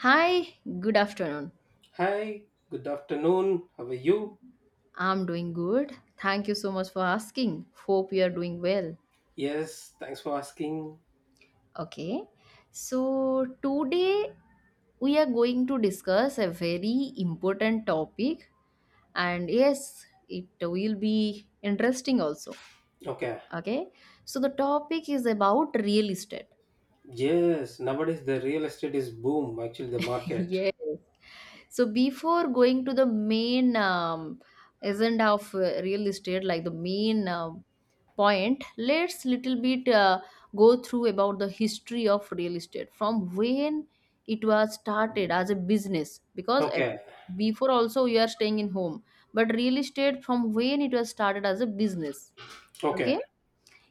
Hi, good afternoon. Hi, good afternoon. How are you? I'm doing good. Thank you so much for asking. Hope you are doing well. Yes, thanks for asking. Okay. So today we are going to discuss a very important topic, and yes, it will be interesting also. Okay. Okay. So the topic is about real estate. Yes, nowadays the real estate is boom, actually, the market. Yes. So before going to the main agenda of real estate, like the main point, let's little bit go through about the history of real estate from when it was started as a business because Okay, before also you are staying in home but real estate from when it was started as a business. okay. Okay.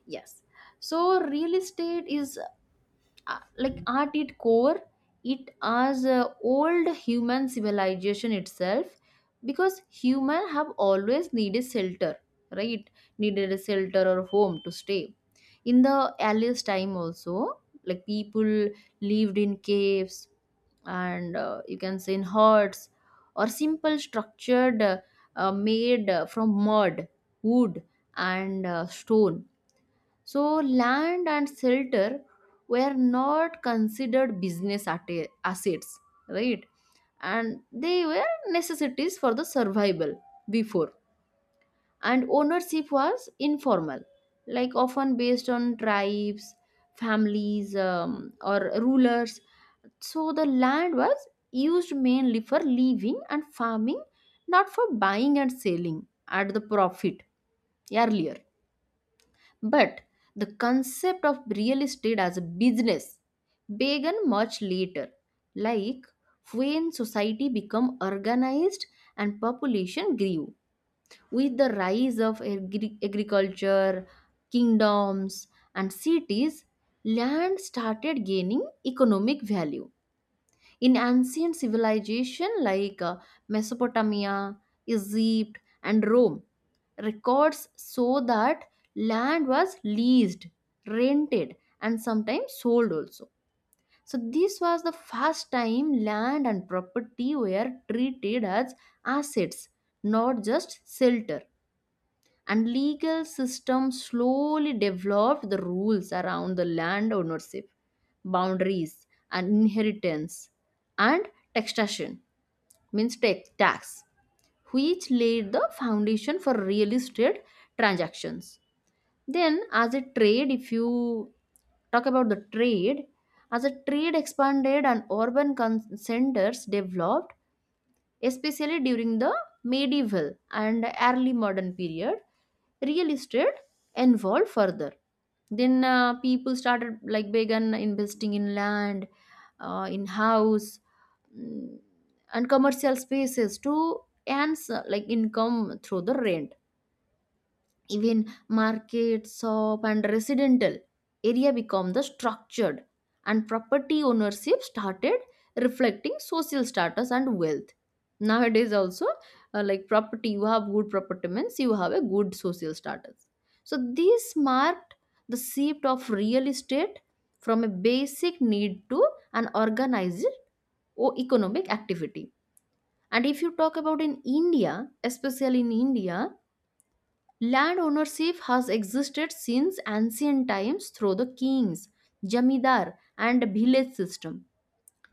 Yes. So real estate is, like at its core, it as old human civilization itself because human have always needed shelter, right? Needed a shelter or home to stay. In the earliest time also, like people lived in caves and, you can say in huts or simple structured made from mud, wood, and stone. So land and shelter were not considered business assets, right? And they were necessities for the survival before. And ownership was informal, like often based on tribes, families, or rulers. So the land was used mainly for living and farming, not for buying and selling at the profit earlier, but the concept of real estate as a business began much later, like when society became organized and population grew. With the rise of agriculture, kingdoms, and cities, land started gaining economic value. In ancient civilization like Mesopotamia, Egypt, and Rome, records show that land was leased, rented, and sometimes sold also. So this was the first time land and property were treated as assets, not just shelter, and legal system slowly developed the rules around the land ownership, boundaries, and inheritance, and taxation means tax, which laid the foundation for real estate transactions. Then as a trade, if you talk about the trade, as a trade expanded and urban centers developed, especially during the medieval and early modern period, real estate evolved further. Then people started, like began investing in land, in house, mm, and commercial spaces to earn like income through the rent. Even market, shop, and residential area become the structured, and property ownership started reflecting social status and wealth. Nowadays, also, like property, you have good property means you have a good social status. So this marked the shift of real estate from a basic need to an organized or economic activity. And if you talk about in India, especially in India, land ownership has existed since ancient times through the kings, jamidar, and village system.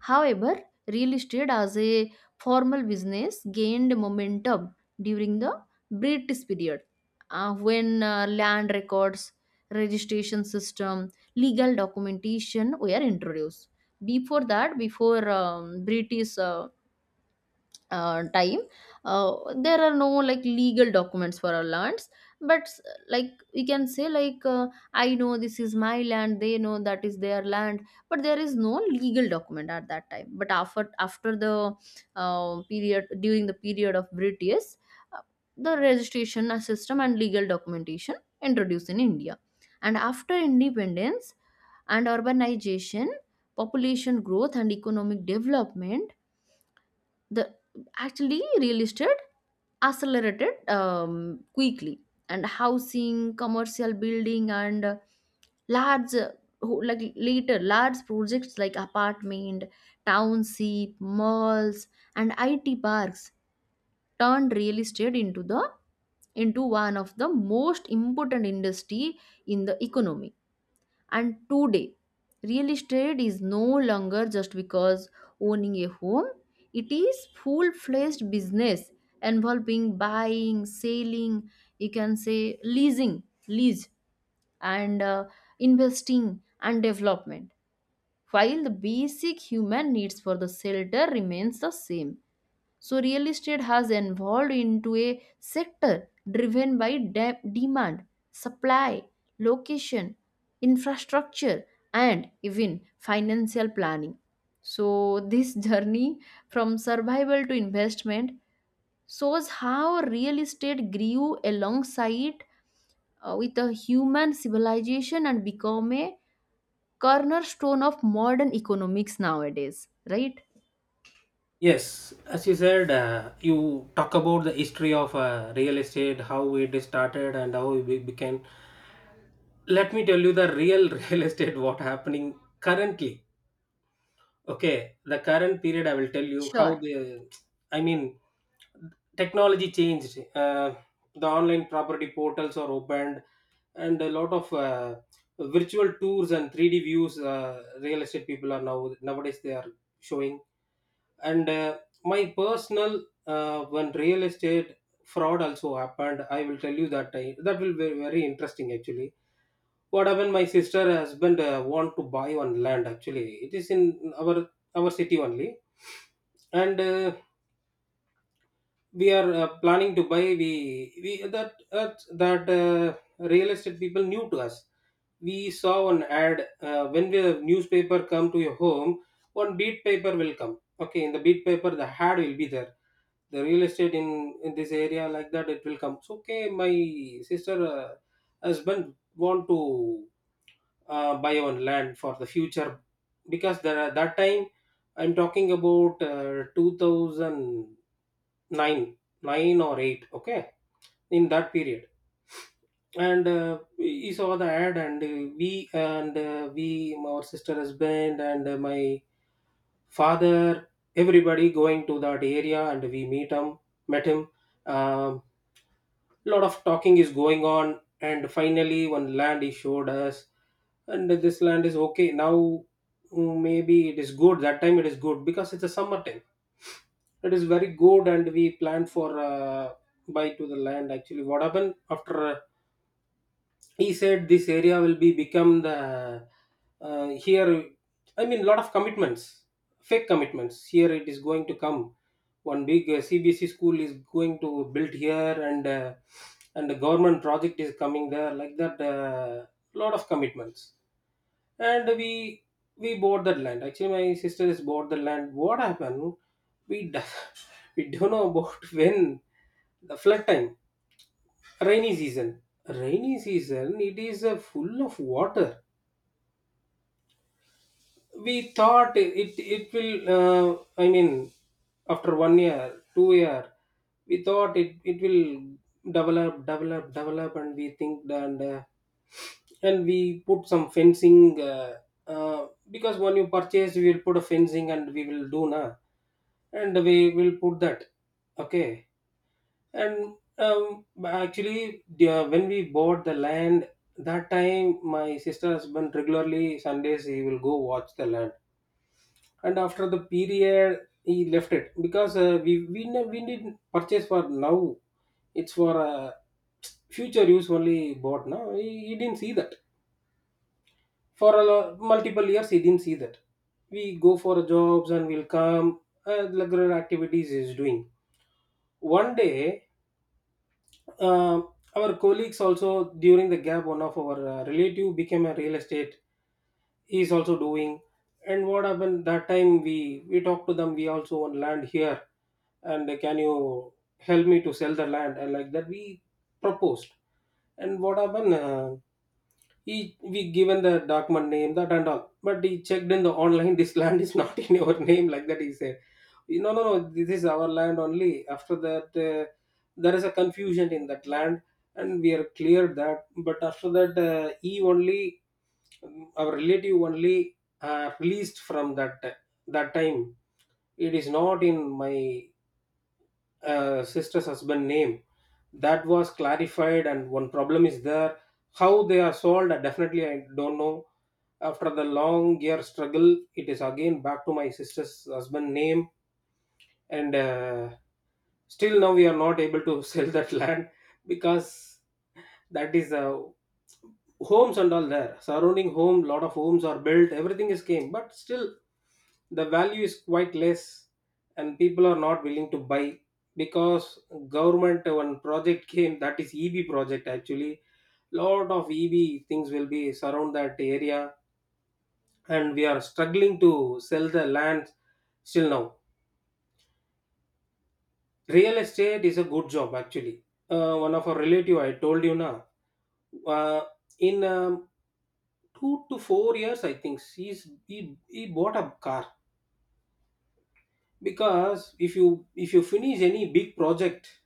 However, real estate as a formal business gained momentum during the British period, when land records, registration system, legal documentation were introduced. Before that, before British time, there are no like legal documents for our lands, but like we can say like, I know this is my land, they know that is their land, but there is no legal document at that time, but after the period, during the period of British, uh, the registration system and legal documentation introduced in India. And after independence and urbanization, population growth, and economic development, the actually real estate accelerated quickly, and housing, commercial building, and large like later large projects like apartment, township, malls, and IT parks turned real estate into the into one of the most important industry in the economy. And today, real estate is no longer just because owning a home, it is full fledged business involving buying, selling, you can say leasing, lease, and investing and development, while the basic human needs for the shelter remains the same. So real estate has evolved into a sector driven by demand, supply, location, infrastructure, and even financial planning. So this journey from survival to investment shows how real estate grew alongside with a human civilization and become a cornerstone of modern economics nowadays, right? Yes, as you said, you talk about the history of real estate, how it is started, and how it became. Let me tell you the real real estate what happening currently. Okay, the current period, I will tell you how Sure. the, I mean, technology changed. The online property portals are opened, and a lot of virtual tours and 3D views. Real estate people are now nowadays they are showing. And my personal, when real estate fraud also happened, I will tell you that that will be very interesting actually. What happened, my sister husband want to buy one land, actually it is in our our city only. And we are planning to buy. We that real estate people new to us, we saw an ad when the newspaper come to your home, one beat paper will come. Okay, in the beat paper the ad will be there, the real estate in this area, like that it will come. So okay, my sister husband want to buy on land for the future. Because there that time I'm talking about 2009, 9, nine or 8, okay, in that period. And we saw the ad. And we and we, my sister husband and my father, everybody going to that area, and we meet him, met him, um, lot of talking is going on. And finally one land he showed us. And this land is okay now. Maybe it is good, that time it is good because it's a summer time, it is very good. And we planned for buy to the land. Actually, what happened after, he said this area will be become the here, I mean, lot of commitments, fake commitments, here it is going to come one big CBC school is going to build here. And and the government project is coming there, like that lot of commitments. And we bought that land. Actually, my sister has bought the land. What happened, we, do, we don't know about when the flood time, rainy season. Rainy season, it is full of water. We thought it will, I mean, after 1 year, 2 year, we thought it will develop, develop, develop, and we think that, and we put some fencing because when you purchase, we will put a fencing and we will do na, and we will put that. Okay, and actually yeah. When we bought the land, that time my sister husband regularly Sundays he will go watch the land. And after the period he left it because we didn't purchase for now, it's for future use only. Bought now, he didn't see that for a multiple years he didn't see that. We go for jobs and we'll come, regular activities is doing one day. Uh, our colleagues also during the gap, one of our relative became a real estate. He is also doing. And what happened that time? We talked to them. We also own land here, and can you help me to sell the land? And like that, we proposed. And what happened? He we given the document name that and all, but he checked in the online. This land is not in your name, like that. He said, "No, no, no. This is our land only." After that, there is a confusion in that land, and we are cleared that. But after that, he only our relative only released from that that time. It is not in my sister's husband name, that was clarified. And one problem is there, how they are solved I definitely I don't know. After the long year struggle, it is again back to my sister's husband name. And still, now we are not able to sell that land because that is homes and all there. Surrounding home, lot of homes are built, everything is came, but still the value is quite less, and people are not willing to buy because government one project came, that is EB project actually. Lot of EB things will be surround that area, and we are struggling to sell the land still now. Real estate is a good job actually. One of our relative I told you now. Uh, in 2 to 4 years, I think he bought a car because if you finish any big project,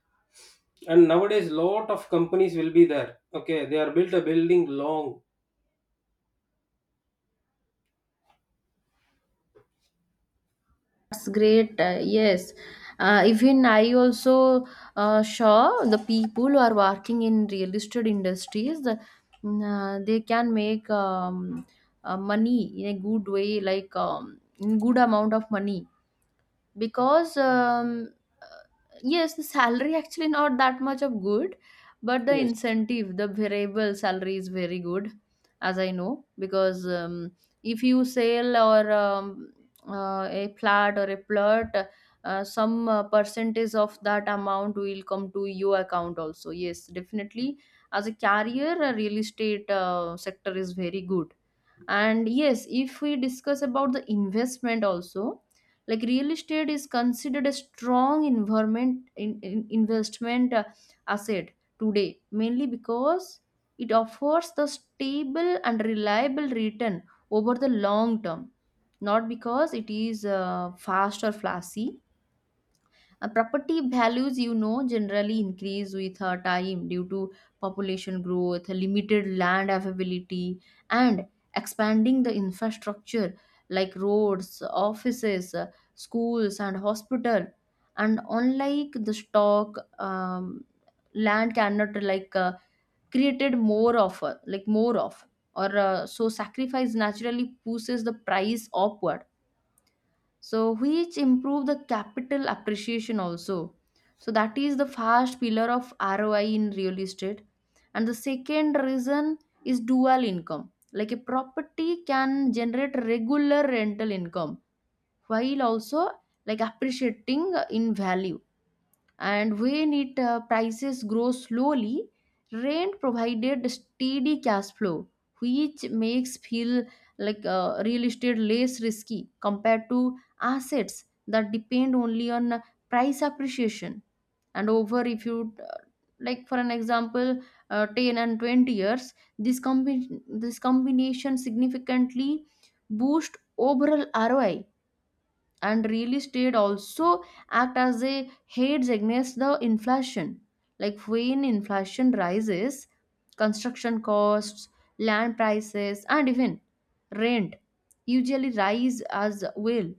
and nowadays lot of companies will be there. Okay, they are built a building long. That's great. Yes, even I also saw the people who are working in real estate industries. The, they can make money in a good way, like in good amount of money because uh, yes the salary actually not that much of good, but the Yes, incentive, the variable salary is very good, as I know, because if you sell or a flat or a plot, some percentage of that amount will come to your account also. Yes, definitely, as a carrier, real estate sector is very good. And yes, if we discuss about the investment also, like real estate is considered a strong environment in, investment asset today, mainly because it offers the stable and reliable return over the long term, not because it is fast or flashy. Property values, you know, generally increase with time due to population growth, limited land availability, and expanding the infrastructure like roads, offices, schools, and hospital. And unlike the stock, um, land cannot like, created more of, like more of, or so sacrifice naturally pushes the price upward, so which improve the capital appreciation also. So that is the first pillar of ROI in real estate. And the second reason is dual income, like a property can generate regular rental income while also like appreciating in value. And when it, prices grow slowly, rent provided steady cash flow, which makes feel like, real estate less risky compared to assets that depend only on price appreciation. And over, if you like for an example, 10 and 20 years, this this combination significantly boost overall ROI. And real estate also act as a hedge against the inflation, like when inflation rises, construction costs, land prices, and even rent usually rise as well.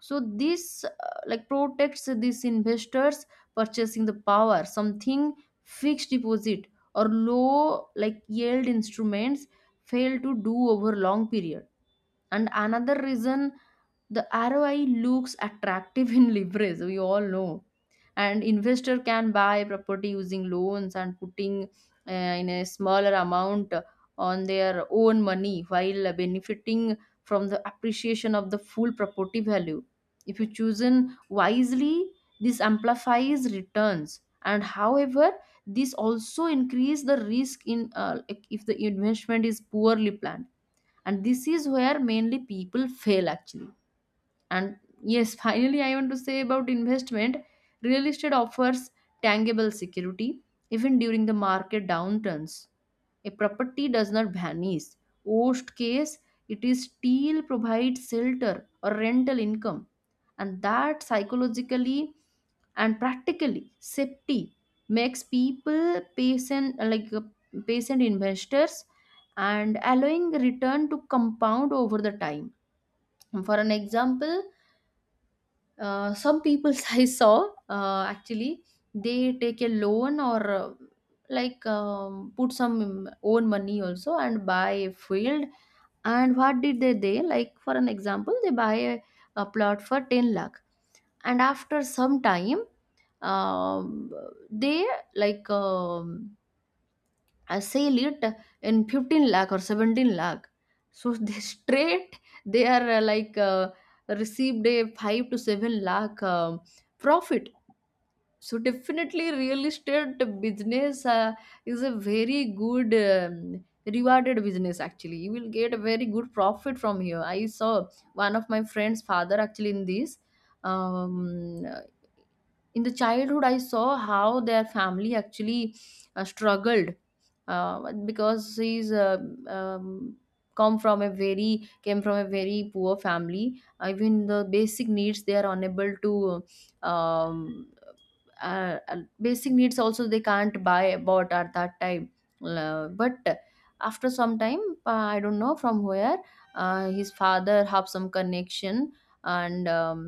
So this, like protects these investors purchasing the power, something fixed deposit or low like yield instruments fail to do over long period. And another reason, the ROI looks attractive in leverage, we all know. And investor can buy property using loans and putting uh, in a smaller amount on their own money while benefiting from the appreciation of the full property value if you chosen wisely. This amplifies returns, and however, this also increase the risk in, if the investment is poorly planned. And this is where mainly people fail actually. And yes, finally I want to say about investment, real estate offers tangible security. Even during the market downturns, a property does not vanish. Worst case, it is still provides shelter or rental income. And that psychologically and practically safety makes people patient, like patient investors, and allowing return to compound over the time. For an example, some people I saw, actually they take a loan or, like put some own money also and buy a field. And what did they like for an example they buy a plot for 10 lakh, and after some time, um, they like, I sell it in 15 lakh or 17 lakh. So they straight they are, like received a 5 to 7 lakh profit. So definitely, real estate business is a very good, rewarded business. Actually, you will get a very good profit from here. I saw one of my friend's father actually in this. Um, in the childhood, I saw how their family actually struggled, because he's, um, come from a very came from a very poor family. Even the basic needs they are unable to basic needs also they can't buy about at that time. But after some time, I don't know from where, his father have some connection, and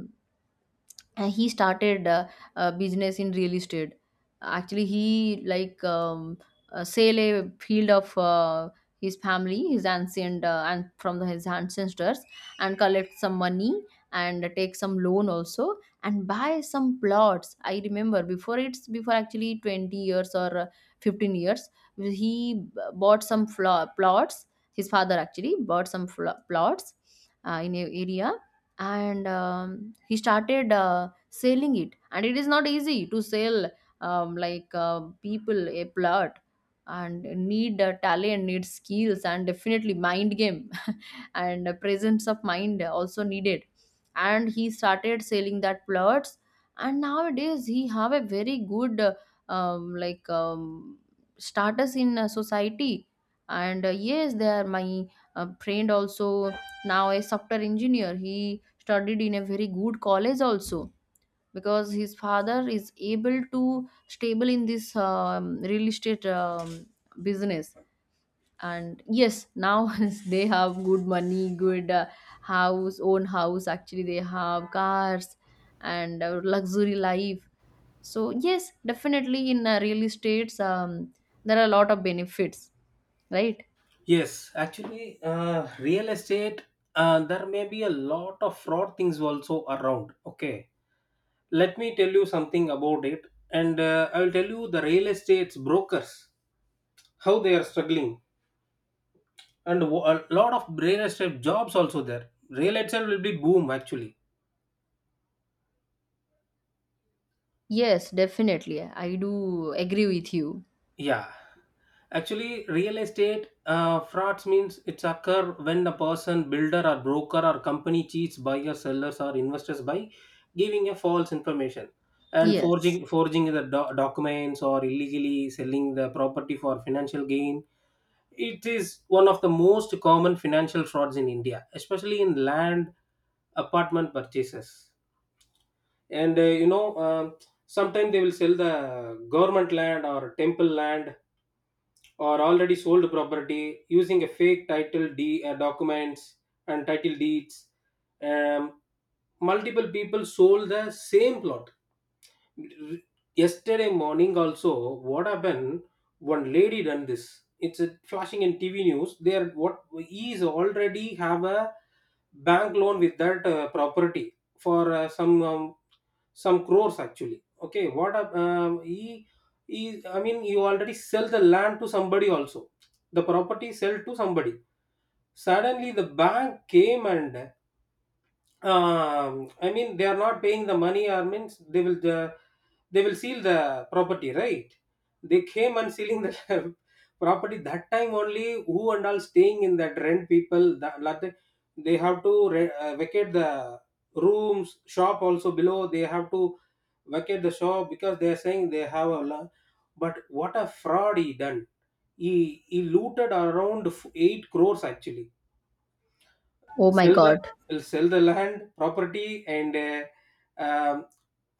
and he started a business in real estate. Actually he like sell a field of his family, his ancient and from his ancestors, and collect some money and take some loan also and buy some plots. I remember before, it's before actually 20 years or 15 years, he bought some plots. His father actually bought some plots in a area. And he started selling it, and it is not easy to sell, like people a plot, and need talent, need skills, and definitely mind game, and presence of mind also needed. And he started selling that plots, and nowadays he have a very good like status in society. And yes, they are my friend also, now a software engineer. He studied in a very good college also, because his father is able to stable in this real estate business. And yes, now they have good money, good house, own house, actually they have cars and luxury life. So yes, definitely in real estates, there are a lot of benefits, right? yes. Actually, real estate. There may be a lot of fraud things also around. Okay, let me tell you something about it. And I will tell you the real estate's brokers, how they are struggling. And a lot of real estate jobs also there, real estate will be boom actually. Yes, definitely, I do agree with you. Yeah, actually real estate frauds means it's occur when a person, builder or broker or company, cheats buyers, sellers or investors by giving a false information and Yes. forging the documents or illegally selling the property for financial gain. It is one of the most common financial frauds in India, especially in land apartment purchases. And sometimes they will sell the government land or temple land, or already sold property using a fake title documents and title deeds. Um, Multiple people sold the same plot yesterday morning also. What happened, one lady done this, it's a flashing in TV news there. What, he is already have a bank loan with that property for some crores actually. Okay, what hap- he I mean, you already sell the land to somebody also, the property sell to somebody, suddenly the bank came. And I mean they are not paying the money, or means they will they will seal the property, right? They came and sealing the property that time only. Who and all staying in that rent people, they have to vacate the rooms, shop also below they have to vacate the shop, because they are saying they have a lot. But what a fraud he done, he looted around 8 crores actually, Oh my sell god. the sell the land property. And um,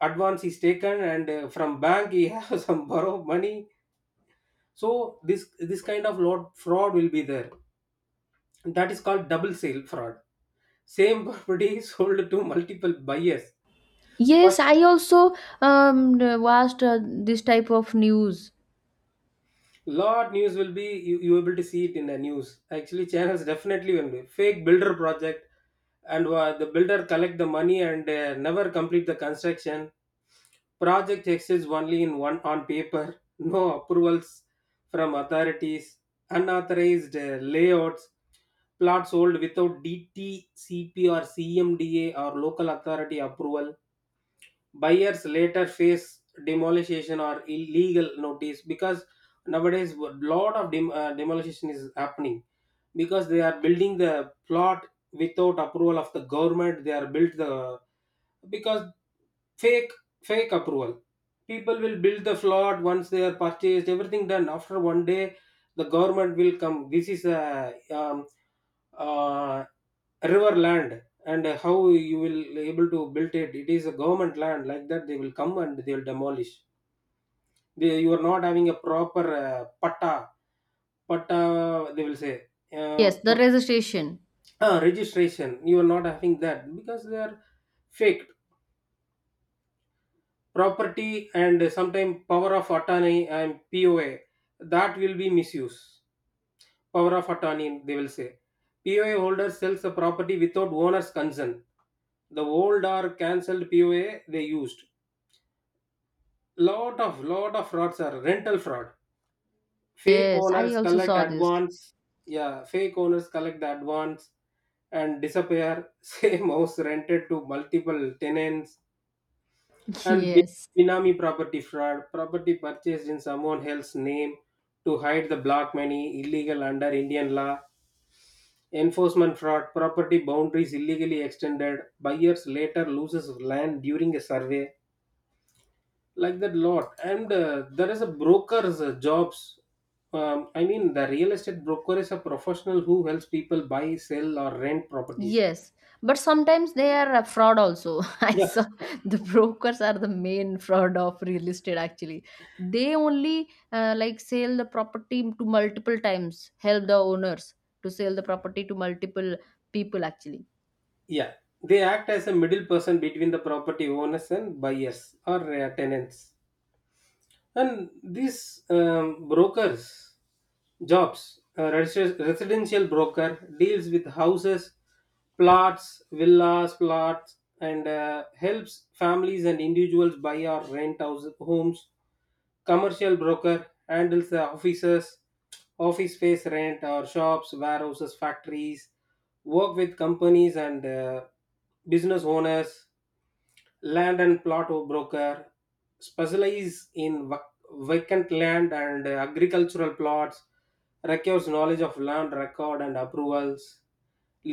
advance is taken. And from bank he has some borrow money. So this kind of lot fraud will be there, that is called double sale fraud, same property sold to multiple buyers Yes, first. I also watched this type of news. Lot news will be, you able to see it in the news actually channels, definitely will be fake builder project. And the builder collect the money and never complete the construction. Project exists only in one on paper, no approvals from authorities, unauthorized layouts, plots sold without DTCP or CMDA or local authority approval. Buyers later face demolition or illegal notice because nowadays a lot of demolition is happening because they are building the plot without approval of the government. They are built the, because fake fake approval people will build the plot, once they are purchased everything done. After one day the government will come, this is a uh, river land. And how you will able to build it, it is a government land, like that they will come and they will demolish. You are not having a proper patta, patta they will say. uh, Yes, the pat- registration. Registration, you are not having that because they are fake property. And sometime power of attorney and POA, that will be misuse. Power of attorney, they will say, POA holder sells the property without owner's consent, the old or cancelled POA they used. Lot of frauds are rental fraud, fake Yes, I owners also collect saw this. advance. Yeah, fake owners collect the advance and disappear. Same house rented to multiple tenants. And Yes, binami property fraud, property purchased in someone else's name to hide the black money, illegal under Indian law. Enforcement fraud, property boundaries illegally extended, buyers later loses land during a survey, like that lot. And there is a broker's jobs. I mean, the real estate broker is a professional who helps people buy, sell, or rent properties. yes, but sometimes they are a fraud also. I Yeah, saw the brokers are the main fraud of real estate actually. They only like sell the property to multiple times, help the owners to sell the property to multiple people actually. yeah, they act as a middle person between the property owners and buyers or tenants. And these brokers jobs, a residential broker deals with houses, plots, villas, plots, and helps families and individuals buy or rent house, homes. Commercial broker handles the offices, office space rent or shops, warehouses, factories, work with companies and business owners. Land and plot broker specialize in vacant land and agricultural plots, requires knowledge of land record and approvals.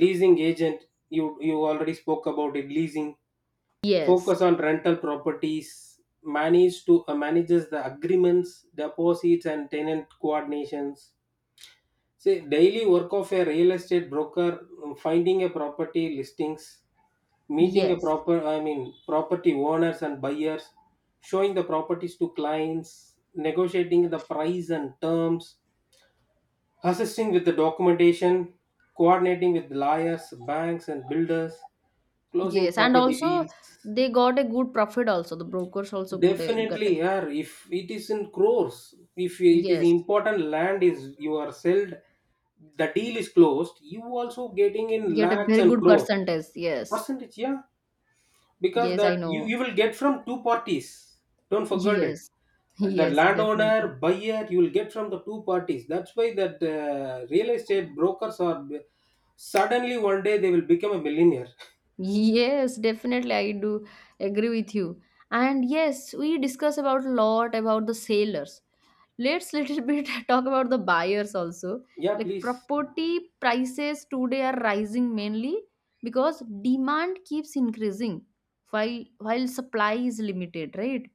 Leasing agent, you already spoke about it, leasing focus Yes, on rental properties, manages the agreements, deposits and tenant coordinations. Say daily work of a real estate broker, finding a property listings, meeting a yes. proper I mean property owners and buyers, showing the properties to clients, negotiating the price and terms, assisting with the documentation, coordinating with lawyers, banks and builders, closing Yes, and property also deals. they got a good profit also. The brokers also good, eh, got Definitely, a, yeah, if it is in crores, if it is yes, important land is you are sold, the deal is closed, you also getting in get a lakhs very and good crores. percentage. Yes, Percentage, yeah, because yes, I that you, know. you will get from two parties, don't forget it. Yes, The yes, landowner, definitely. buyer, you will get from the two parties. That's why that real estate brokers are suddenly one day they will become a millionaire. Yes, definitely, I do agree with you. And yes, we discuss about a lot about the sailors. Let's little bit talk about the buyers also. Yeah, Like, please. property prices today are rising mainly because demand keeps increasing while supply is limited, right?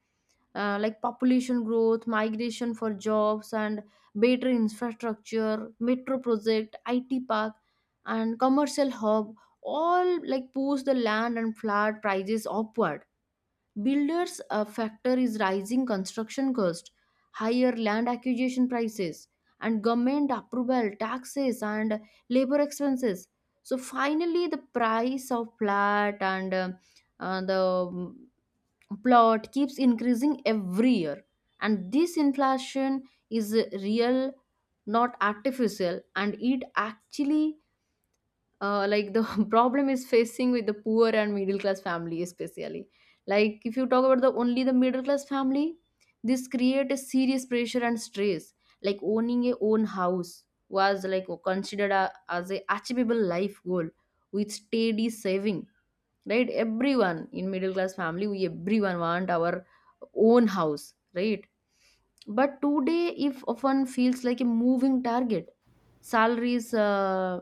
Like population growth, migration for jobs and better infrastructure, metro project, IT park and commercial hub all like push the land and flat prices upward. Builders a factor is rising construction cost, higher land acquisition prices, and government approval taxes and labor expenses. So finally, the price of flat and the, um, plot keeps increasing every year, and this inflation is real, not artificial, and it actually like, the problem is facing with the poor and middle class family, especially like if you talk about the only the middle class family. This create a serious pressure and stress, like owning a own house was like considered a, as a achievable life goal with steady saving, right? Everyone in middle class family, we everyone want our own house, right? But today if often feels like a moving target. Salaries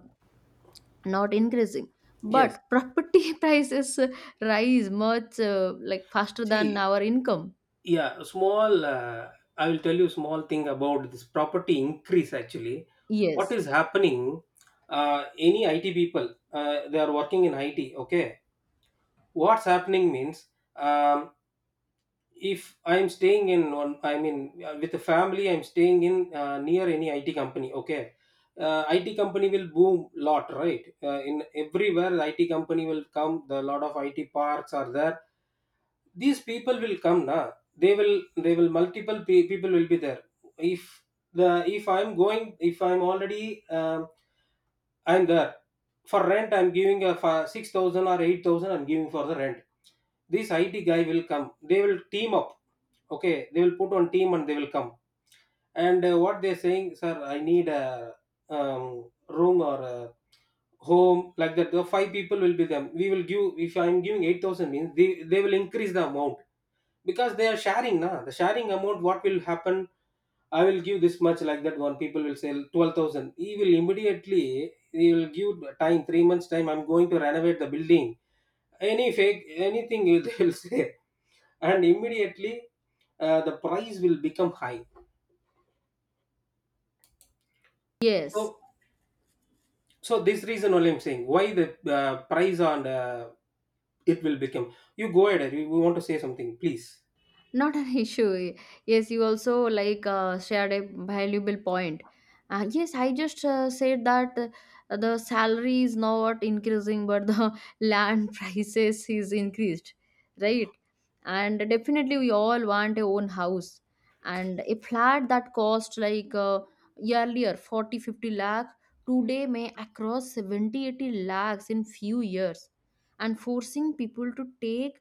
not increasing, Yes. but property prices rise much like faster than See, our income. yeah, small I will tell you small thing about this property increase actually. What Yes. is happening, any it people they are working in it, okay? What's happening means, um, if I'm staying in one, I mean, with the family I'm staying in near any it company, okay? It company will boom lot, right? In everywhere, the it company will come, the lot of it parks are there. These people will come na, they will multiple people will be there. If the if I'm going, if I'm already I'm there for rent. I'm giving a 6,000 or 8,000 I'm giving for the rent. This it guy will come, they will team up, okay? They will put on team and they will come. And what they're saying, sir, I need a um, room or a home, like that. The five people will be them, we will give. If I'm giving 8,000 means, they will increase the amount because they are sharing na, the sharing amount, what will happen. I will give this much, like that. One people will say 12,000. He will immediately, he will give time, 3 months time, I'm going to renovate the building. Any fake, anything they will say. And immediately the price will become high. Yes. So, so this reason only I'm saying why the price on it will become. You go ahead, you want to say something, please. Not an issue. Yes, you also like shared a valuable point. Yes, I just said that the salary is not increasing, but the land prices is increased, right? And definitely, we all want a own house, and a flat that cost like earlier 40 50 lakh, today may across 70 80 lakhs in few years, and forcing people to take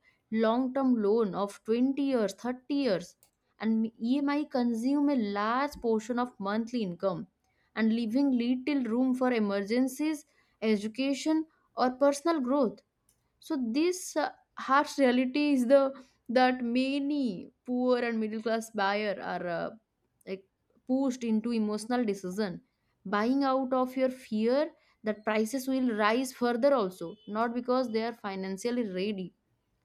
long term loan of 20 years, 30 years, and EMI consume a large portion of monthly income, and leaving little room for emergencies, education, or personal growth. So, this harsh reality is the, that many poor and middle class buyer are like pushed into emotional decision, buying out of your fear that prices will rise further also, not because they are financially ready.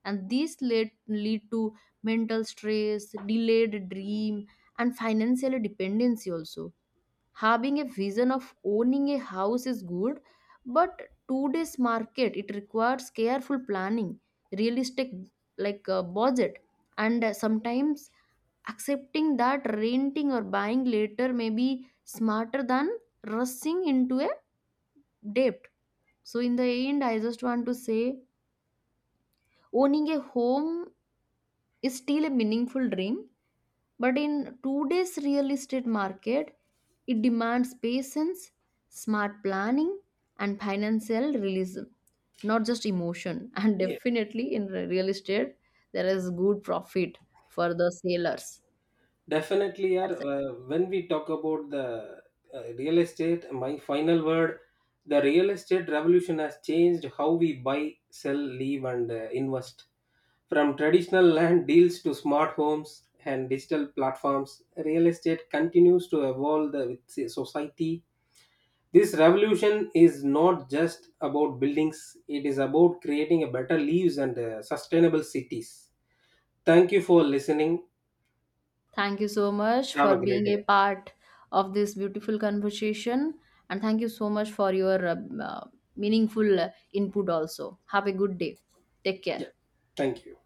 And these lead to mental stress, delayed dream, and financial dependency also. Having a vision of owning a house is good, but today's market, it requires careful planning, realistic, like budget, and sometimes accepting that renting or buying later may be smarter than rushing into a debt. So in the end, I just want to say, owning a home is still a meaningful dream, but in today's real estate market, it demands patience, smart planning, and financial realism, not just emotion. And definitely in real estate, there is good profit for the sellers. Definitely, yeah. That's it. When we talk about the real estate, my final word, the real estate revolution has changed how we buy, sell, live, and invest. From traditional land deals to smart homes and digital platforms, real estate continues to evolve with the society. This revolution is not just about buildings; it is about creating a better lives and sustainable cities. Thank you for listening. Thank you so much Have for a great being a day. part of this beautiful conversation. And thank you so much for your uh, meaningful input also. Have a good day. Take care. Yeah, thank you.